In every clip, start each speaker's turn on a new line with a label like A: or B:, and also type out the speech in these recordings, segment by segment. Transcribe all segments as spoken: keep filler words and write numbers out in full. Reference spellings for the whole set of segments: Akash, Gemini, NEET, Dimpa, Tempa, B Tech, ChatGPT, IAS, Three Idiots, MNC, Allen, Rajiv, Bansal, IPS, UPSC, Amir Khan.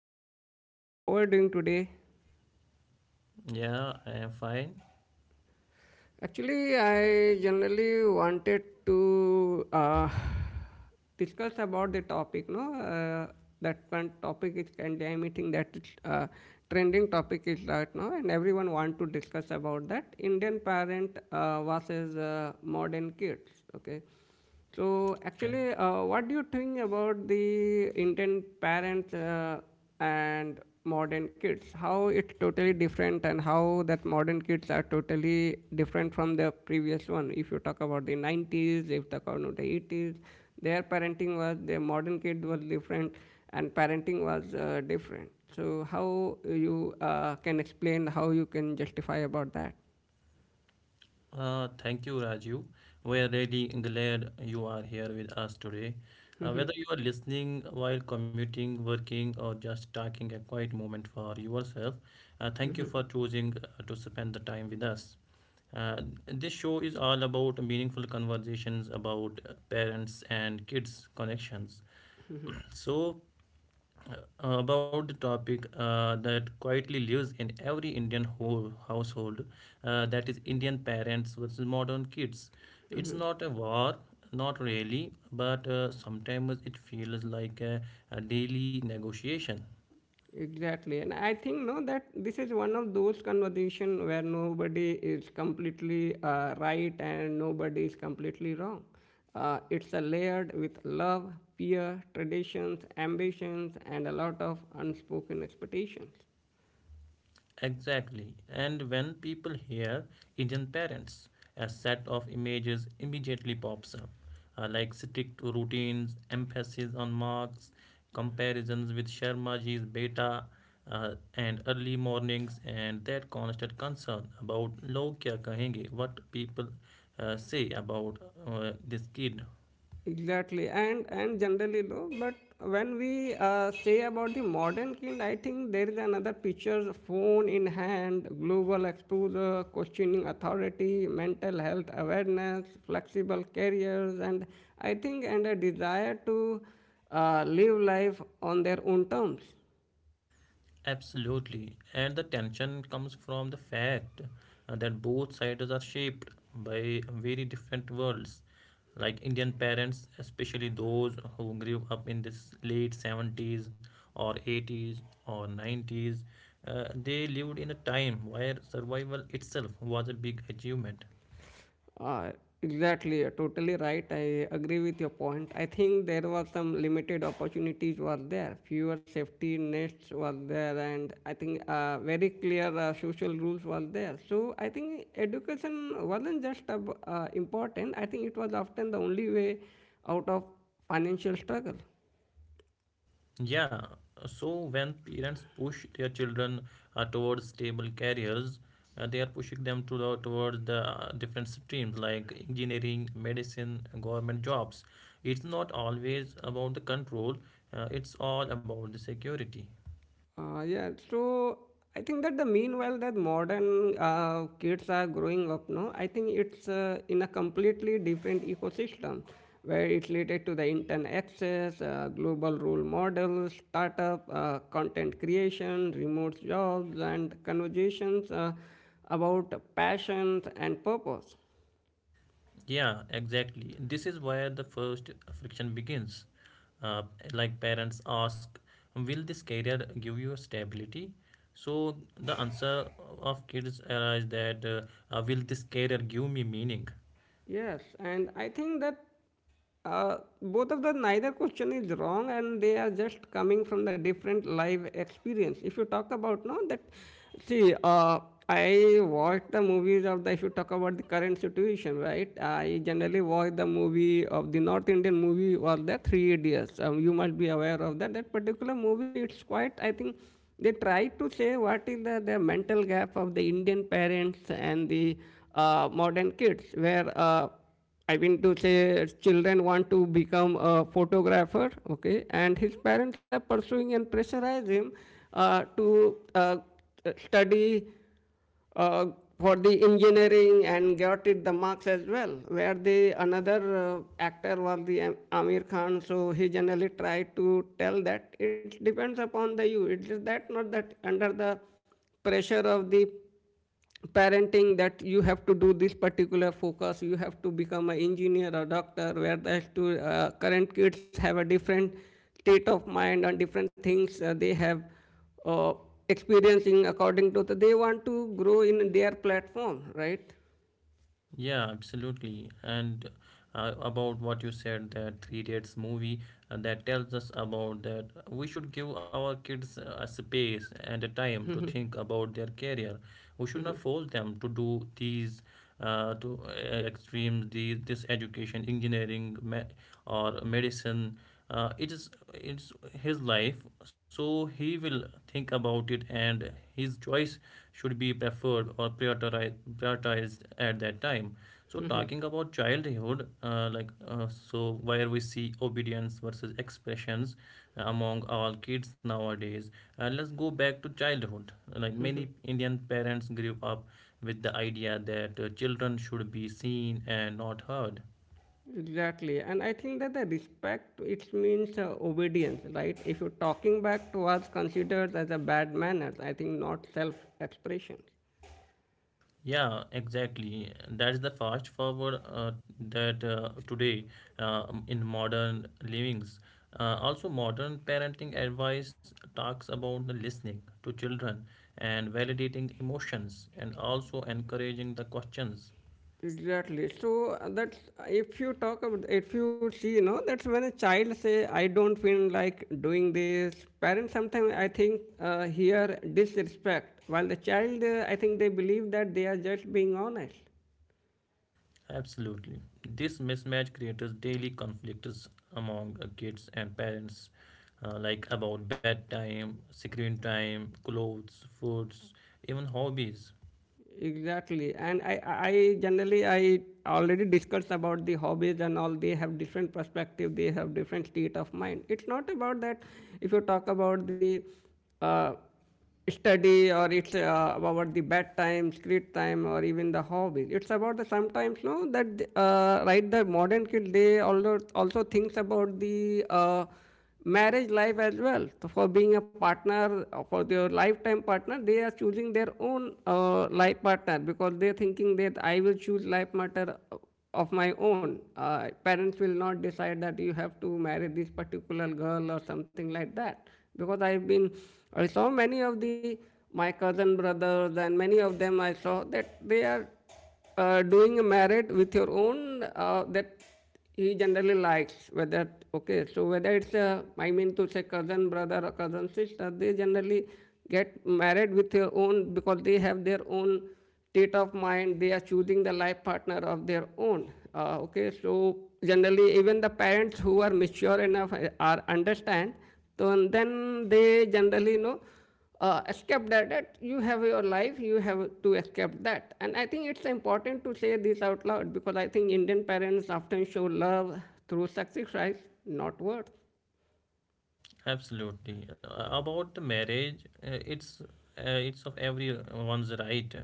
A: are doing? How are doing today?
B: yeah, I am fine.
A: Actually, I generally wanted to uh, discuss about the topic. No, uh, that one topic is currently I'm meeting that uh, trending topic is right now, and everyone want to discuss about that Indian parent uh, versus uh, modern kids. Okay. So,
B: Okay.
A: actually, uh, what do you think about the Indian parents uh, and modern kids? How it's totally different, and how that modern kids are totally different from the previous one. If you talk about the nineties, if you talk about the eighties, their parenting was their modern kid was different, and parenting was uh, different. So, how you uh, can explain how you can justify about that?
B: Uh, thank you, Rajiv. We are really glad you are here with us today. Uh, whether you are listening while commuting, working, or just taking a quiet moment for yourself, uh, thank you for choosing uh, to spend the time with us. Uh, this show is all about meaningful conversations about uh, parents and kids' connections. So, Uh, about the topic uh, that quietly lives in every Indian whole household, uh, that is Indian parents versus modern kids. It's not a war, not really, but uh, sometimes it feels like a, a daily negotiation.
A: Exactly, and I think no that this is one of those conversation where nobody is completely uh, right and nobody is completely wrong. Uh, it's a layered with love, fear, traditions, ambitions, and a lot of unspoken expectations.
B: Exactly. And when people hear Indian parents, a set of images immediately pops up, uh, like strict routines, emphasis on marks, comparisons with Sharmaji's beta, uh, and early mornings, and that constant concern about log kya kahenge, what people uh, say about uh, this kid.
A: Exactly, and and generally low. But when we uh, say about the modern kid, I think there is another picture: phone in hand, global exposure, questioning authority, mental health awareness, flexible careers, and I think and a desire to uh, live life on their own terms.
B: Absolutely. And the tension comes from the fact uh, that both sides are shaped by very different worlds. Like Indian parents, especially those who grew up in this late seventies or eighties or nineties, uh, they lived in a time where survival itself was a big achievement.
A: Uh, exactly, you're totally right. I agree with your point. I think there were some limited opportunities were there. Fewer safety nets were there, and I think uh, very clear uh, social rules were there. So I think education wasn't just ab- uh, important. I think it was often the only way out of financial struggle.
B: Yeah, so when parents push their children uh, towards stable careers, uh, they are pushing them to the, towards the uh, different streams like engineering, medicine, government jobs. It's not always about the control, uh, it's all about the security.
A: Uh, yeah, so I think that the meanwhile that modern uh, kids are growing up now, I think it's uh, in a completely different ecosystem where it's related to the internet access, uh, global role models, startup, uh, content creation, remote jobs, and conversations uh, about passions and purpose.
B: Yeah, exactly. This is where the first friction begins. Uh, like parents ask, will this career give you stability? So the answer of kids arise that, uh, uh, will this career give me meaning?
A: Yes, and I think that uh, both of the neither question is wrong, and they are just coming from the different life experience. If you talk about no, that see, uh, I watch the movies of the. If you talk about the current situation, right? I generally watch the movie of the North Indian movie or the Three Idiots. Um, you must be aware of that. That particular movie, it's quite I think they try to say what is the, the mental gap of the Indian parents and the uh, modern kids, where uh, I mean to say children want to become a photographer, okay, and his parents are pursuing and pressurize him uh, to uh, study uh, for the engineering and got it the marks as well. Where the another uh, actor was the Amir Khan, so he generally tried to tell that it depends upon the you. It is that not that under the pressure of the parenting that you have to do this particular focus you have to become an engineer or doctor where the stu- uh, current kids have a different state of mind and different things uh, they have uh, experiencing according to the, they want to grow in their platform, right.
B: Yeah, absolutely. And uh, about what you said, that Three Idiots movie uh, that tells us about that we should give our kids uh, a space and a time to think about their career. We should not force them to do these uh, to uh, extremes, these this education, engineering, me- or medicine. Uh, it is it's his life, so he will think about it, and his choice should be preferred or prioritized, prioritized at that time. So talking about childhood, uh, like uh, so, where we see obedience versus expressions among all kids nowadays. Uh, let's go back to childhood. Like many Indian parents grew up with the idea that uh, children should be seen and not heard.
A: Exactly, and I think that the respect it means uh, obedience, right, if you're talking back to us considered as a bad manners, I think not self expression.
B: Yeah, exactly. That's the fast forward uh, that uh, today uh, in modern livings. Uh, also, modern parenting advice talks about the listening to children and validating emotions and also encouraging the questions.
A: Exactly. So uh, that's if you talk about if you see, you know, that's when a child say, "I don't feel like doing this." Parents sometimes I think uh, hear disrespect, while the child uh, I think they believe that they are just being honest.
B: Absolutely. This mismatch creates daily conflicts among uh, kids and parents, uh, like about bedtime, screen time, clothes, foods, even hobbies.
A: Exactly, and I, I generally I already discussed about the hobbies and all. They have different perspective. They have different state of mind. It's not about that. If you talk about the uh, study or it's uh, about the bedtime, screen time, or even the hobbies, it's about the sometimes no that uh, right the modern kid they also also thinks about the. Uh, marriage life as well. So for being a partner, uh, for their lifetime partner, they are choosing their own uh, life partner because they're thinking that I will choose life partner of my own. Uh, parents will not decide that you have to marry this particular girl or something like that. Because I've been, I saw many of the my cousin brothers and many of them I saw that they are uh, doing a marriage with your own uh, that he generally likes whether okay so whether it's a I mean to say cousin brother or cousin sister they generally get married with their own because they have their own state of mind they are choosing the life partner of their own, uh, okay so generally even the parents who are mature enough uh, are understand so and then they generally you know uh, escape that, that you have your life you have to escape that. And I think it's important to say this out loud because I think Indian parents often show love through success, right, not words.
B: Absolutely. Uh, About the marriage, uh, it's uh, it's of everyone's right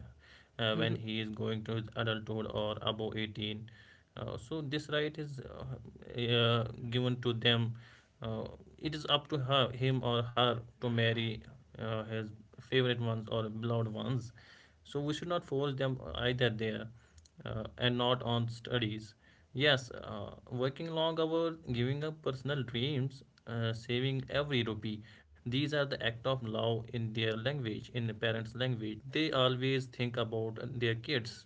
B: uh, when he is going to his adulthood or above eighteen. Uh, so this right is uh, uh, given to them. Uh, it is up to her, him or her to marry uh, his favorite ones or beloved ones. So we should not force them either there uh, and not on studies. Yes, uh, working long hours, giving up personal dreams, uh, saving every rupee. These are the act of love in their language, in the parents' language. They always think about their kids.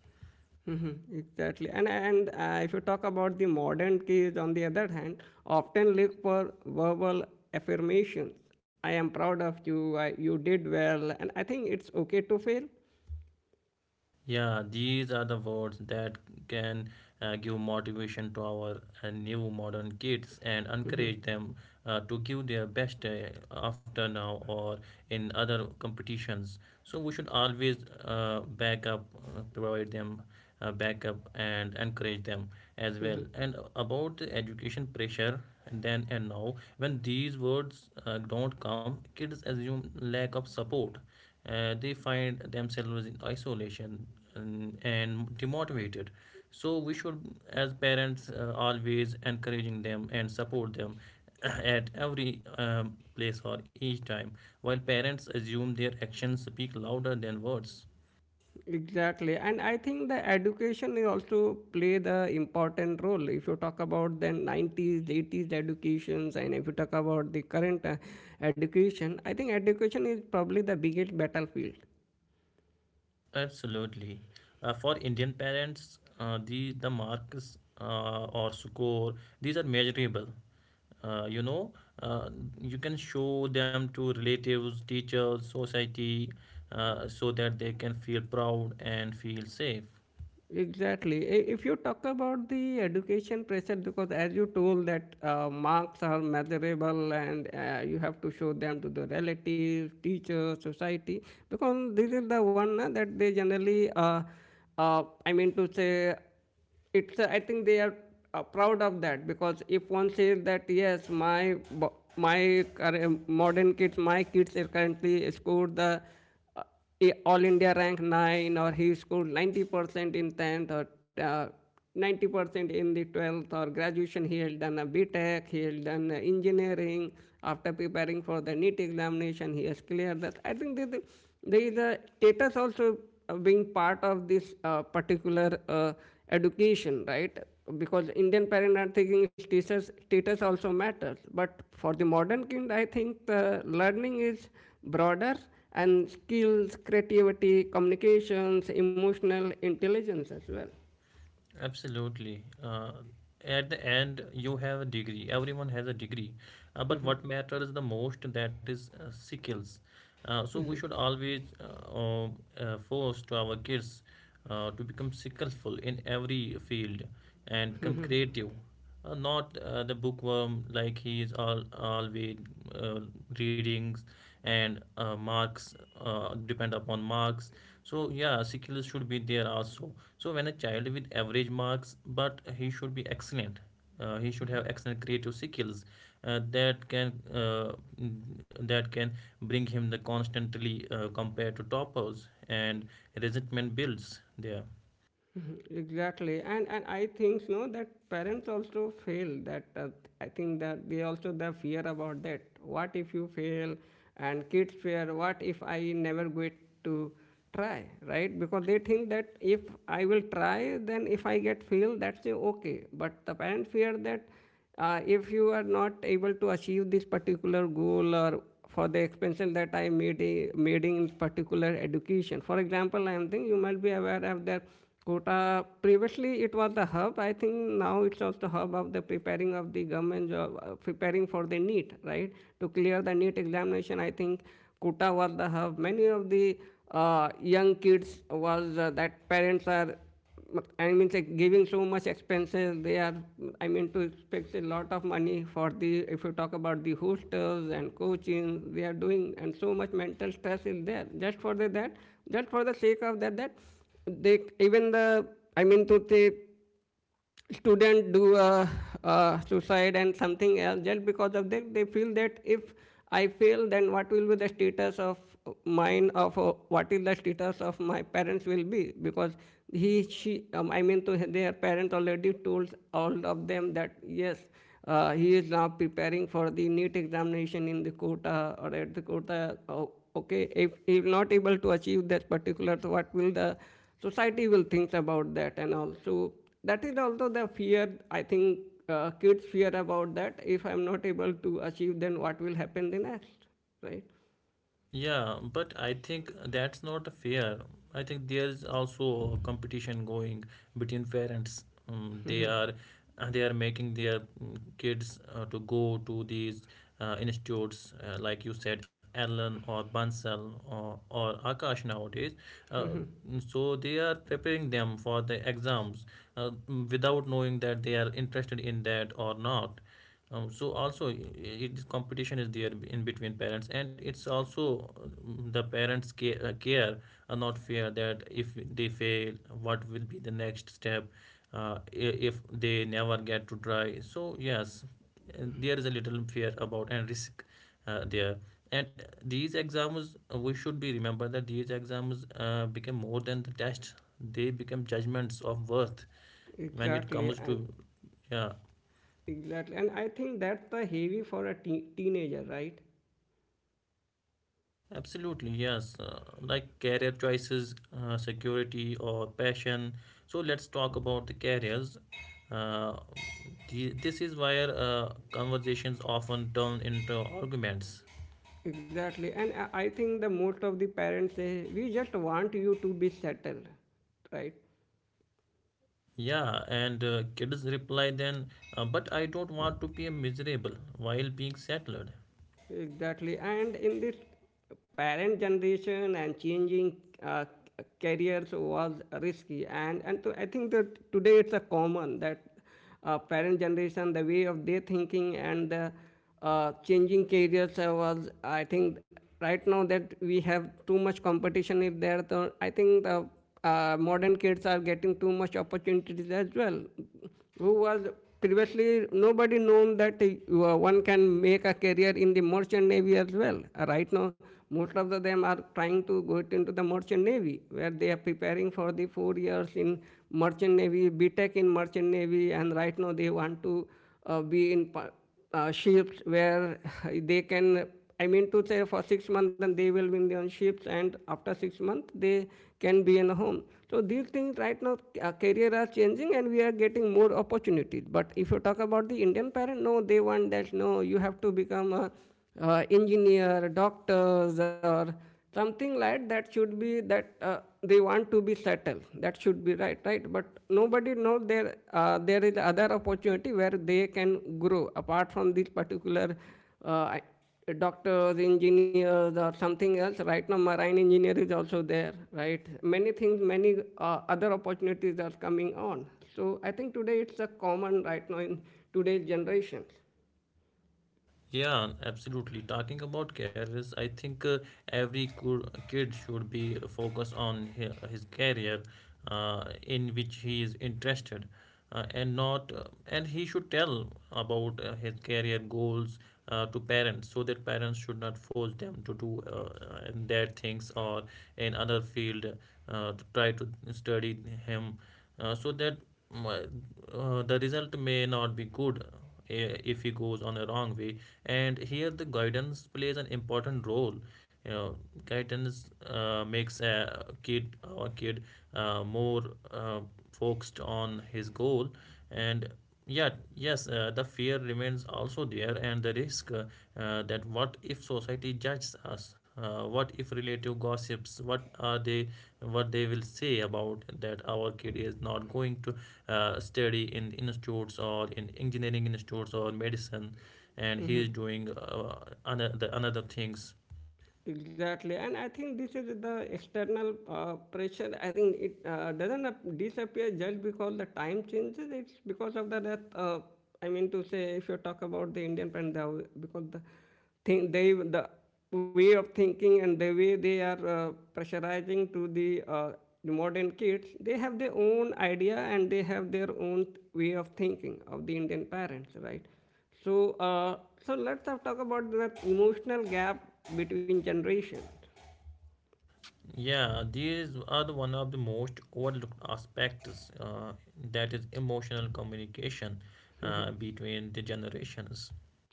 A: Hmm, exactly, and and uh, if you talk about the modern kids on the other hand often look for verbal affirmations. I am proud of you, I, you did well, and I think it's okay to fail.
B: Yeah, these are the words that can uh, give motivation to our uh, new modern kids and encourage them uh, to give their best uh, after now or in other competitions. So we should always uh, back up, uh, provide them uh, backup and encourage them as well. And about the education pressure, then and now, when these words uh, don't come, kids assume lack of support. Uh, they find themselves in isolation and, and demotivated, so we should, as parents, uh, always encouraging them and support them at every um, place or each time, while parents assume their actions speak louder than words.
A: Exactly, and I think the education is also play the important role. If you talk about the nineties, eighties educations, and if you talk about the current uh, education, I think education is probably the biggest battlefield.
B: Absolutely. Uh, for Indian parents, uh, the the marks uh, or score, these are measurable. Uh, you know, uh, you can show them to relatives, teachers, society, uh, so that they can feel proud and feel safe.
A: Exactly. I- If you talk about the education pressure, because as you told that uh, marks are measurable and uh, you have to show them to the relatives, teachers, society, because this is the one uh, that they generally, uh, uh, I mean to say, it's uh, I think they are uh, proud of that because if one says that yes my bo- my current modern kids my kids are currently scored the uh, all India rank nine, or he scored ninety percent in tenth, or uh, ninety percent in the twelfth, or graduation he had done a B Tech, he had done uh, engineering after preparing for the NEET examination he has cleared that. I think there is there is a status also uh, being part of this uh, particular uh, education, right. Because Indian parents are thinking status status also matters. But for the modern kid I think the learning is broader, and skills, creativity, communications, emotional intelligence as well.
B: Absolutely. Uh, at the end, you have a degree. Everyone has a degree. Uh, but what matters the most, that is uh, skills. Uh, so we should always uh, um, uh, force to our kids uh, to become skillful in every field and become creative. Uh, not uh, the bookworm, like he is all always uh, readings and uh, marks, uh, depend upon marks. So yeah, skills should be there also. So when a child with average marks, but he should be excellent. Uh, he should have excellent creative skills uh, that can uh, that can bring him the constantly uh, compared to toppers, and resentment builds there.
A: Exactly, and and I think you know that parents also fail. That uh, I think that they also the fear about that. What if you fail? And kids fear. What if I never get to try? Right? Because they think that if I will try, then if I get fail, that's a okay. But the parents fear that uh, if you are not able to achieve this particular goal or for the expansion that I made, i- made in particular education. For example, I am thinking you might be aware of that quota. Previously, it was the hub. I think now it's also hub of the preparing of the government job, uh, preparing for the NEET, right? To clear the NEET examination, I think quota was the hub. Many of the uh, young kids was uh, that parents are I mean, like giving so much expenses, they are, I mean, to expect a lot of money for the, if you talk about the hostels and coaching, they are doing, and so much mental stress is there. Just for the, that, just for the sake of that, that they, even the, I mean, to say, student do uh, uh, suicide and something else just because of that they feel that if I fail then what will be the status of mine of uh, what is the status of my parents will be, because he she um, I mean to their parents already told all of them that yes uh, he is now preparing for the NEET examination in the quota or at the quota. Oh, okay, if he is not able to achieve that particular so what will the society will think about that. And also that is also the fear I think uh, kids fear about that if I'm not able to achieve then what will happen the next, right.
B: Yeah, but I think that's not fair. I think there's also competition going between parents. Um, they are uh, they are making their mm, kids uh, to go to these uh, institutes, uh, like you said, Allen or Bansal or, or Akash nowadays. Uh, mm, so they are preparing them for the exams, uh, mm, without knowing that they are interested in that or not. Um, so also it competition is there in between parents, and it's also, um, the parents care, uh, care are not fair, that if they fail, what will be the next step, uh, i- if they never get to try. So yes, and there is a little fear about and risk uh, there, and these exams, uh, we should be remember that these exams uh, become more than the test, they become judgments of worth when it
A: exactly
B: comes
A: and
B: to, yeah.
A: exactly, and I think that's the heavy for a teen teenager, right.
B: Absolutely, yes. Uh, like career choices, uh, security, or passion. So let's talk about the careers. Uh, the, this is where uh, conversations often turn into arguments.
A: Exactly, and i I think the most of the parents say we just want you to be settled, right.
B: Yeah, and uh, kids reply then, uh, but I don't want to be miserable while being settled.
A: Exactly. And in this parent generation and changing uh, careers was risky. And, and so I think that today it's a common that uh, parent generation, the way of their thinking and the uh, changing careers uh, was, I think right now that we have too much competition is there. So I think the uh, modern kids are getting too much opportunities as well who was previously nobody known that you one can make a career in the merchant navy as well. Uh, Right now, most of the them are trying to go into the merchant navy, where they are preparing for the four years in merchant navy, B Tech in merchant navy, and right now they want to uh, be in uh, ships where they can I mean to say for six months and they will be in on ships, and after six months they can be in a home. So these things right now, uh, career are changing and we are getting more opportunities. But if you talk about the Indian parent, no, they want that, no, you have to become a uh, engineer, doctors, or something like that should be, that uh, they want to be settled. That should be right, right? But nobody knows there, uh, there is other opportunity where they can grow apart from this particular uh, doctors, engineers, or something else. Right now, marine engineer is also there, right? Many things, many uh, other opportunities are coming on. So I think today it's a common right now in today's generations.
B: Yeah, absolutely. Talking about careers, I think uh, every cou- kid should be focused on hi- his career uh, in which he is interested, uh, and not uh, and he should tell about uh, his career goals uh, to parents, so that parents should not force them to do uh, and their things or in other field uh, to try to study him, uh, so that mm, uh, the result may not be good, eh, if he goes on a wrong way. And here the guidance plays an important role, you know. Guidance uh, makes a kid, our kid, uh, more uh, focused on his goal. And yeah, yes, uh, the fear remains also there, and the risk, uh, uh, that what if society judges us, uh, what if relative gossips, what are they, what they will say about that our kid is not going to uh, study in institutes or in engineering institutes or medicine, and he is doing uh, another another things.
A: Exactly, and I think this is the external uh, pressure. I think it uh, doesn't ap- disappear just because the time changes. It's because of the that. Uh, I mean to say, if you talk about the Indian parent, the, w- because the thing they the way of thinking and the way they are uh, pressurizing to the uh, the modern kids, they have their own idea and they have their own way of thinking of the Indian parents, right? So, uh, so let's have talk about that emotional gap between generations.
B: Yeah, these are the one of the most overlooked aspects, uh, that is emotional communication uh, between the generations.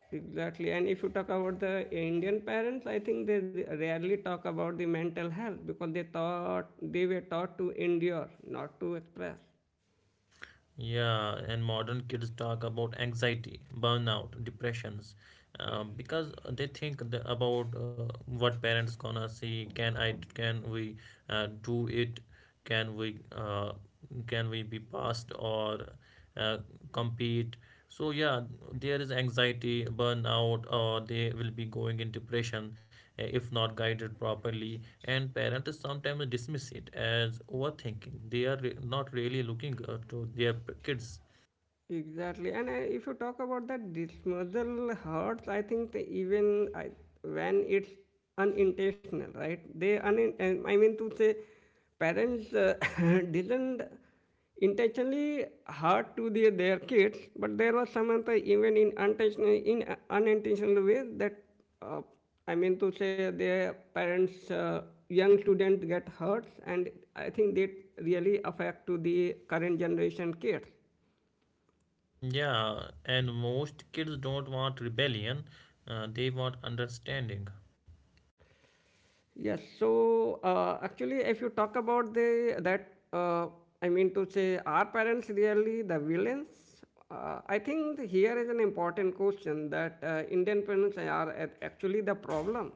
A: Exactly, and if you talk about the Indian parents, I think they rarely talk about the mental health because they thought they were taught to endure, not to express.
B: Yeah, and modern kids talk about anxiety, burnout, depressions, um, because they think the, about uh, what parents gonna see, can i, can we uh, do it, can we uh, can we be passed or uh, compete. So yeah, there is anxiety burnout or they will be going in depression uh, if not guided properly, and parents sometimes dismiss it as overthinking. They are re- not really looking uh, to their p- kids.
A: Exactly, and I, if you talk about that dismissal hurts, I think the, even I, when it's unintentional, right? They unin, uh, I mean to say, parents uh, didn't intentionally hurt to their, their kids, but there was some other even in unintentional in a- unintentional way that uh, I mean to say their parents, uh, young students get hurt, and I think they really affect to the current generation kids.
B: Yeah, and most kids don't want rebellion, uh, they want understanding.
A: Yes. So uh, actually, if you talk about the that, uh, I mean to say, are parents really the villains? Uh, I think here is an important question, that uh, Indian parents are a- actually the problem.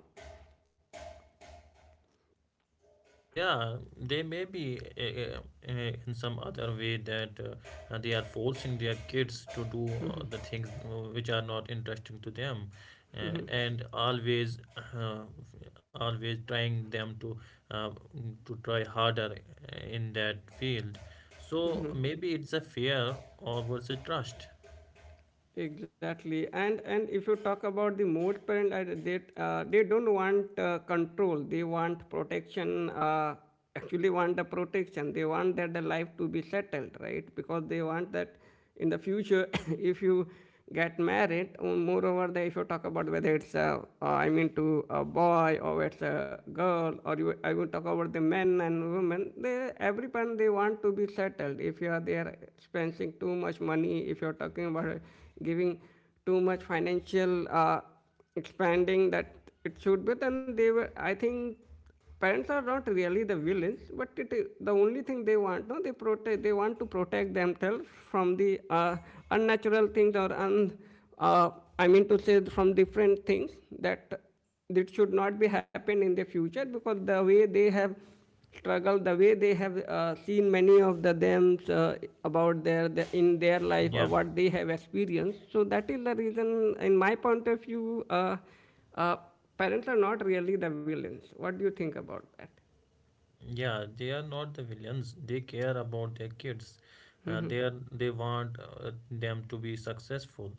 B: Yeah, they may be uh, uh, in some other way, that uh, uh, they are forcing their kids to do uh, the things uh, which are not interesting to them, uh, and always, uh, always trying them to uh, mm, to try harder, eh, in that field. So maybe it's a fear or versus trust.
A: Exactly. And and if you talk about the most parents, I- they uh, they don't want uh, control. They want protection. Uh, actually want the protection, they want that the life to be settled, right? Because they want that in the future if you get married. Um, Moreover, the, if you talk about whether it's a, uh, I mean to a boy or it's a girl, or you, I will talk about the men and women. They every time they want to be settled. If you are there spending too much money, if you are talking about uh, giving too much financial uh, expanding, that it should be, then they were. I think parents are not really the villains, but it is the only thing they want. No, they protect. They want to protect themselves from the uh, unnatural things or un. Uh, I mean to say from different things that that should not be happen in the future, because the way they have struggled, the way they have uh, seen many of the them uh, about their the, in their life or
B: Yeah.
A: what they have experienced. So that is the reason, in my point of view. Uh, uh, parents are not really the villains. What do you think about that?
B: Yeah, they are not the villains. They care about their kids. Uh, they are, they want uh, them to be successful,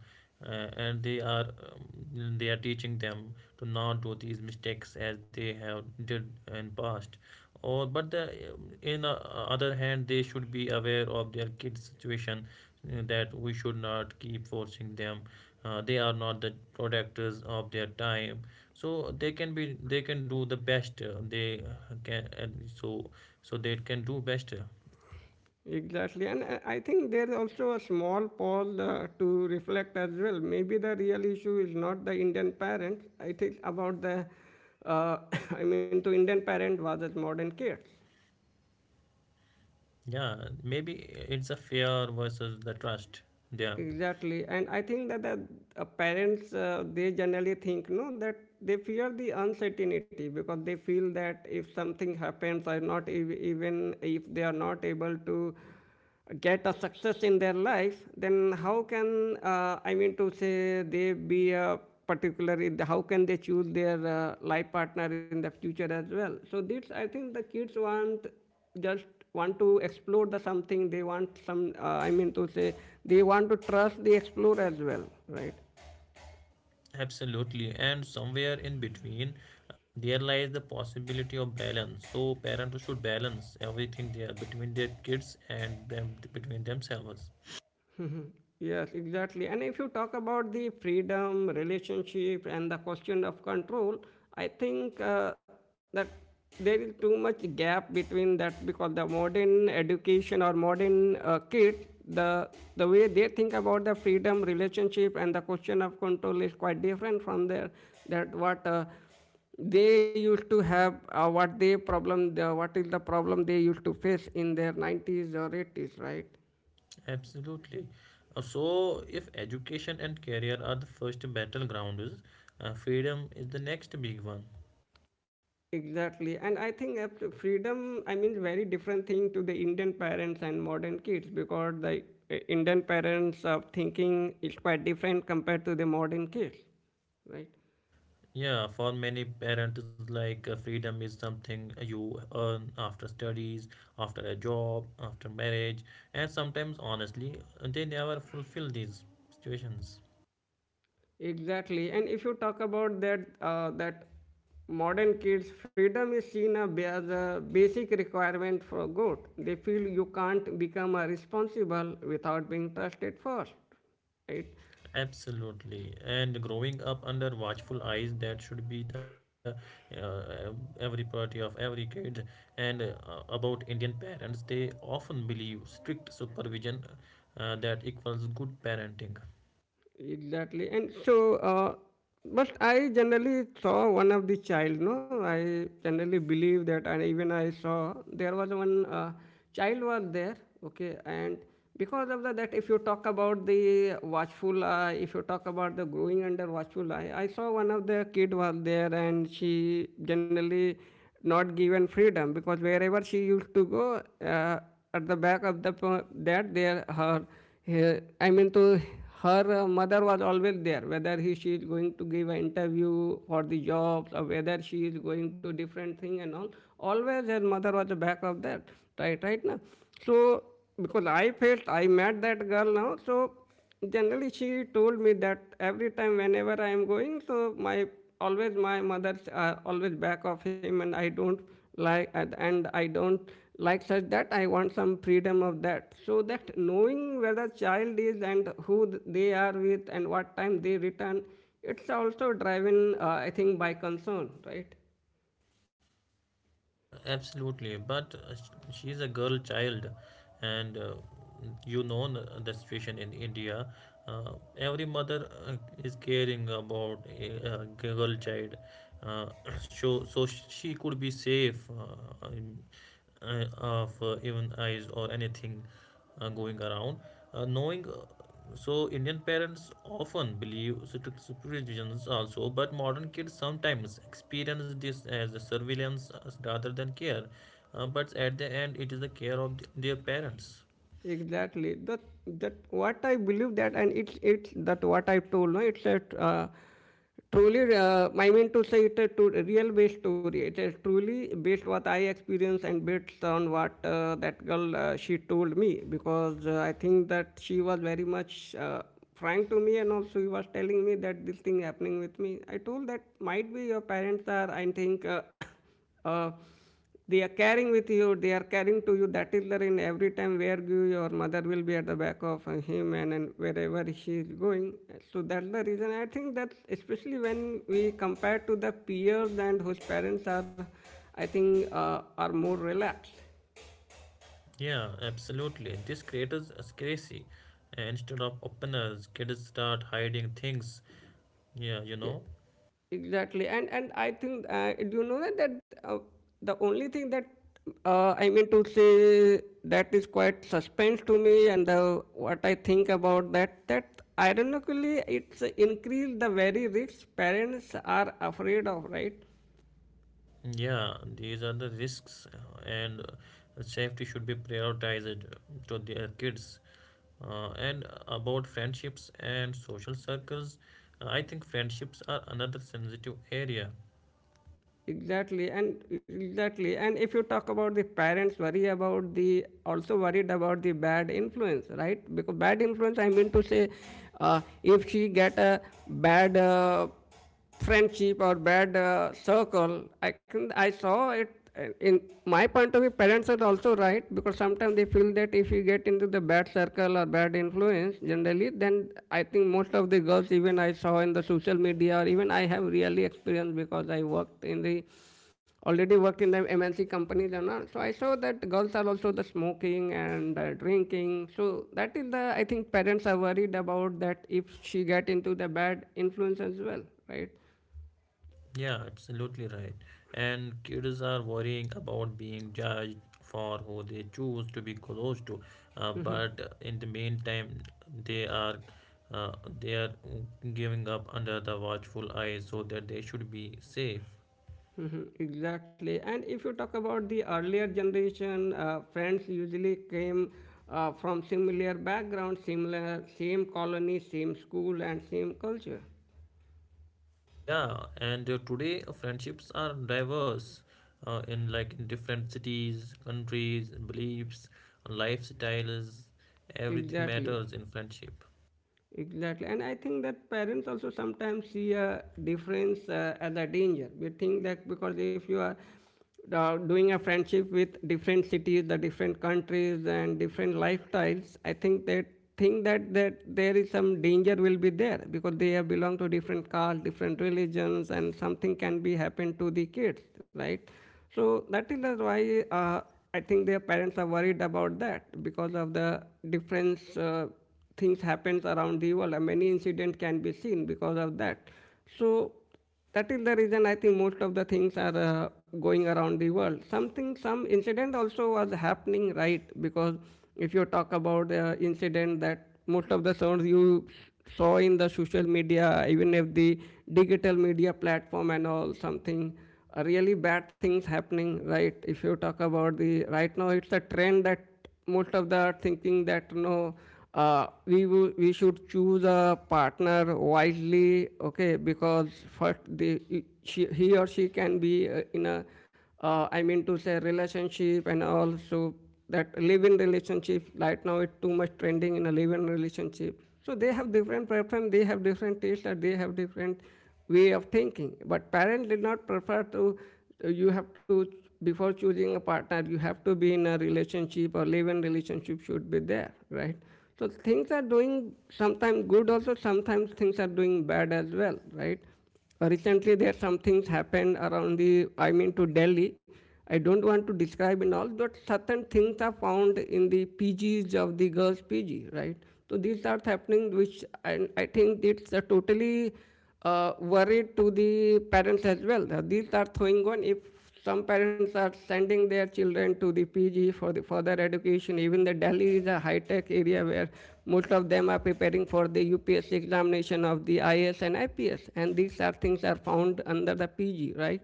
B: uh, and they are, um, they are teaching them to not do these mistakes as they have did in past. Or, but the um, in uh, other hand, they should be aware of their kids' situation, uh, that we should not keep forcing them. Uh, they are not the protectors of their time, so they can be, they can do the best uh, they uh, can, and so so they can do best.
A: Exactly. And uh, I think there's also a small pause uh, to reflect as well. Maybe the real issue is not the Indian parents. I think about the, uh, I mean, to Indian parent versus modern kids.
B: Yeah, maybe it's a fear versus the trust. Yeah,
A: Exactly, and I think that the uh, parents uh, they generally think, no, that they fear the uncertainty, because they feel that if something happens or not ev- even if they are not able to get a success in their life, then how can uh, I mean to say they be a particular in the- how can they choose their uh, life partner in the future as well? So this, I think the kids want just want to explore the something, they want some uh, I mean to say they want to trust the explore as well, right?
B: absolutely, and somewhere in between there lies the possibility of balance. So parents should balance everything there between their kids and them, between themselves.
A: Yes, exactly. And if you talk about the freedom, relationship, and the question of control, I think uh, that there is too much gap between that, because the modern education or modern uh, kid, the the way they think about the freedom, relationship, and the question of control is quite different from their that what. Uh, they used to have, uh, what they problem the, what is the problem they used to face in their nineties or eighties, right?
B: Absolutely. Uh, so if education and career are the first battlegrounds, uh, freedom is the next big one.
A: Exactly. And I think up to freedom, I mean, very different thing to the Indian parents and modern kids, because the uh, Indian parents of thinking is quite different compared to the modern kids, right?
B: Yeah, for many parents, like, uh, freedom is something you earn after studies, after a job, after marriage, and sometimes, honestly, they never fulfill these situations.
A: Exactly. And if you talk about that, uh, that modern kids, freedom is seen a ba- as a basic requirement for good. They feel you can't become a responsible without being trusted first, right?
B: Absolutely. And growing up under watchful eyes, that should be the uh, every priority of every kid. And uh, about Indian parents, they often believe strict supervision uh, that equals good parenting.
A: Exactly. And so, uh, but I generally saw one of the child, no? I generally believe that, and even I saw there was one uh, child was there, okay? And because of the, that, if you talk about the watchful eye, if you talk about the growing under watchful eye, I saw one of the kid was there and she generally not given freedom, because wherever she used to go, uh, at the back of the po- that there her, her I mean to her uh, mother was always there, whether he, she is going to give an interview for the jobs or whether she is going to different thing and all, always her mother was the back of that, right? Right now, so because I felt I met that girl now, so generally she told me that every time whenever I am going, so my always my mother's uh, always back of him, and I don't like, and and I don't like such that, I want some freedom of that. So that knowing where the child is and who they are with and what time they return, it's also driven uh, I think by concern, right?
B: Absolutely, but uh, sh- she's a girl child, and uh, you know n- the situation in India. Uh, every mother uh, is caring about a, a girl child, uh, so so she could be safe uh, in- uh, of uh, even eyes or anything uh, going around. Uh, knowing uh, so Indian parents often believe strict supervisions also, but modern kids sometimes experience this as a surveillance uh, rather than care. Uh, but at the end, it is the care of th- their parents.
A: Exactly. That that what I believe, that and it's it's that what I told. No, it's a uh, truly. Uh, I mean to say it's a true, real based story. It is truly based what I experienced and based on what uh, that girl uh, she told me, because uh, I think that she was very much uh, frank to me, and also he was telling me that this thing happening with me. I told that might be your parents are. I think. Uh, uh, they are carrying with you, they are carrying to you, that is there in every time where you, your mother will be at the back of uh, him, and, and wherever she is going. So that's the reason I think that, especially when we compare to the peers and whose parents are, I think uh, are more relaxed.
B: Yeah, absolutely. This creates a scarcity. And instead of openness, kids start hiding things. Yeah, you
A: Yeah,
B: know.
A: exactly. And and I think uh, do you know that that uh, the only thing that uh, I mean to say that is quite suspense to me, and the what I think about that that ironically it's increased the very risks parents are afraid of, right?
B: Yeah, these are the risks, uh, and uh, safety should be prioritized to their kids. Uh, and about friendships and social circles, uh, I think friendships are another sensitive area.
A: Exactly, and exactly, and if you talk about the parents worry about the also worried about the bad influence, right? Because bad influence, I mean to say, uh, if she get a bad uh, friendship or bad uh, circle, I can I saw it uh, in my point of view, parents are also right, because sometimes they feel that if you get into the bad circle or bad influence, generally, then I think most of the girls, even I saw in the social media, or even I have really experienced, because I worked in the already worked in the M N C companies and all. So I saw that girls are also the smoking and uh, drinking. So that is the I think parents are worried about that if she get into the bad influence as well, right?
B: Yeah, absolutely right. And kids are worrying about being judged for who they choose to be close to. Uh, but in the meantime, they are uh, they are giving up under the watchful eye so that they should be safe.
A: Mhm. Exactly. And if you talk about the earlier generation, uh, friends usually came uh, from similar background, similar, same colony, same school, and same culture.
B: Yeah, and uh, today uh, friendships are diverse uh, in like in different cities, countries, beliefs, lifestyles, everything
A: Exactly.
B: matters in friendship.
A: Exactly, and I think that parents also sometimes see a difference uh, as a danger. We think that because if you are uh, doing a friendship with different cities, the different countries, and different lifestyles, I think they think that that there is some danger will be there, because they have belong to different castes, different religions, and something can be happen to the kids, right? So that is the why uh, I think their parents are worried about that because of the difference. Uh, things happens around the Yuvala. Many incident can be seen because of that. So that is the reason I think most of the things are uh, going around the world. Something, some incident also was happening, right? Because if you talk about the uh, incident that most of the sounds you saw in the social media, even if the digital media platform and all something, uh, really bad things happening, right. If you talk about the right now, it's a trend that most of the thinking that no, uh, we we should choose a partner wisely, okay? Because first, the, she, he or she can be uh, in a, uh, I mean to say, relationship and also that live-in relationship. Right now, it's too much trending in a live-in relationship. So they have different preference, they have different taste, and they have different way of thinking. But parents did not prefer to, uh, you have to, before choosing a partner, you have to be in a relationship or live-in relationship should be there, right? So things are doing sometimes good also, sometimes things are doing bad as well, right? Recently there some things happened around the, I mean to Delhi. I don't want to describe in all, but certain things are found in the P Gs of the girls' P G, right? So these are happening, which I, I think it's a totally uh, worried to the parents as well. These are going on if some parents are sending their children to the P G for the further education. Even the Delhi is a high-tech area where most of them are preparing for the U P S C examination of the I A S and I P S, and these are things are found under the P G, right?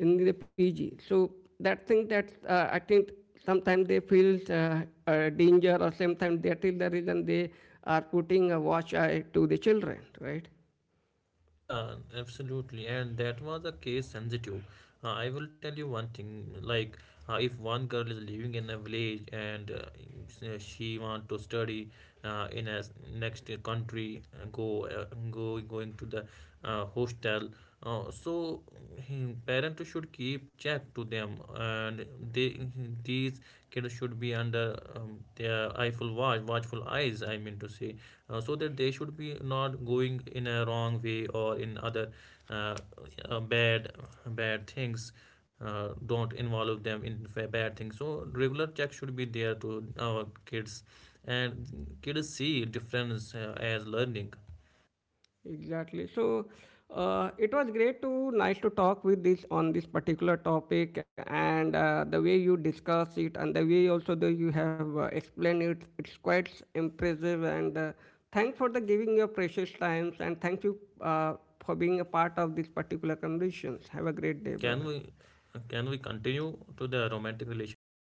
A: In the P G. So that thing that uh, I think sometimes they feel uh, uh, danger, or sometimes that is the reason they are putting a watch eye to the children, right?
B: Yeah, absolutely. And that was a case sensitive. Uh, I will tell you one thing, like, uh, if one girl is living in a village and uh, s- uh, she want to study uh, in a s- next country, uh, go uh, go going to the uh, uh, hostel. Uh, so hmm, Parents should keep check to them, and they, these kids should be under um, their eyeful watch, watchful eyes. I mean to say, uh, so that they should be not going in a wrong way or in other uh, uh, bad bad things. Uh, don't involve them in fa- bad things. So regular check should be there to our kids, and kids see difference uh, as learning.
A: Exactly. So uh, it was great to nice to talk with this on this particular topic, and uh, the way you discuss it and the way also the you have uh, explained it. It's quite impressive, and uh, thanks for the giving your precious times, and thank you uh, for being a part of this particular conversations. Have a great day,
B: can we
A: brother.
B: can we continue to the romantic relationships or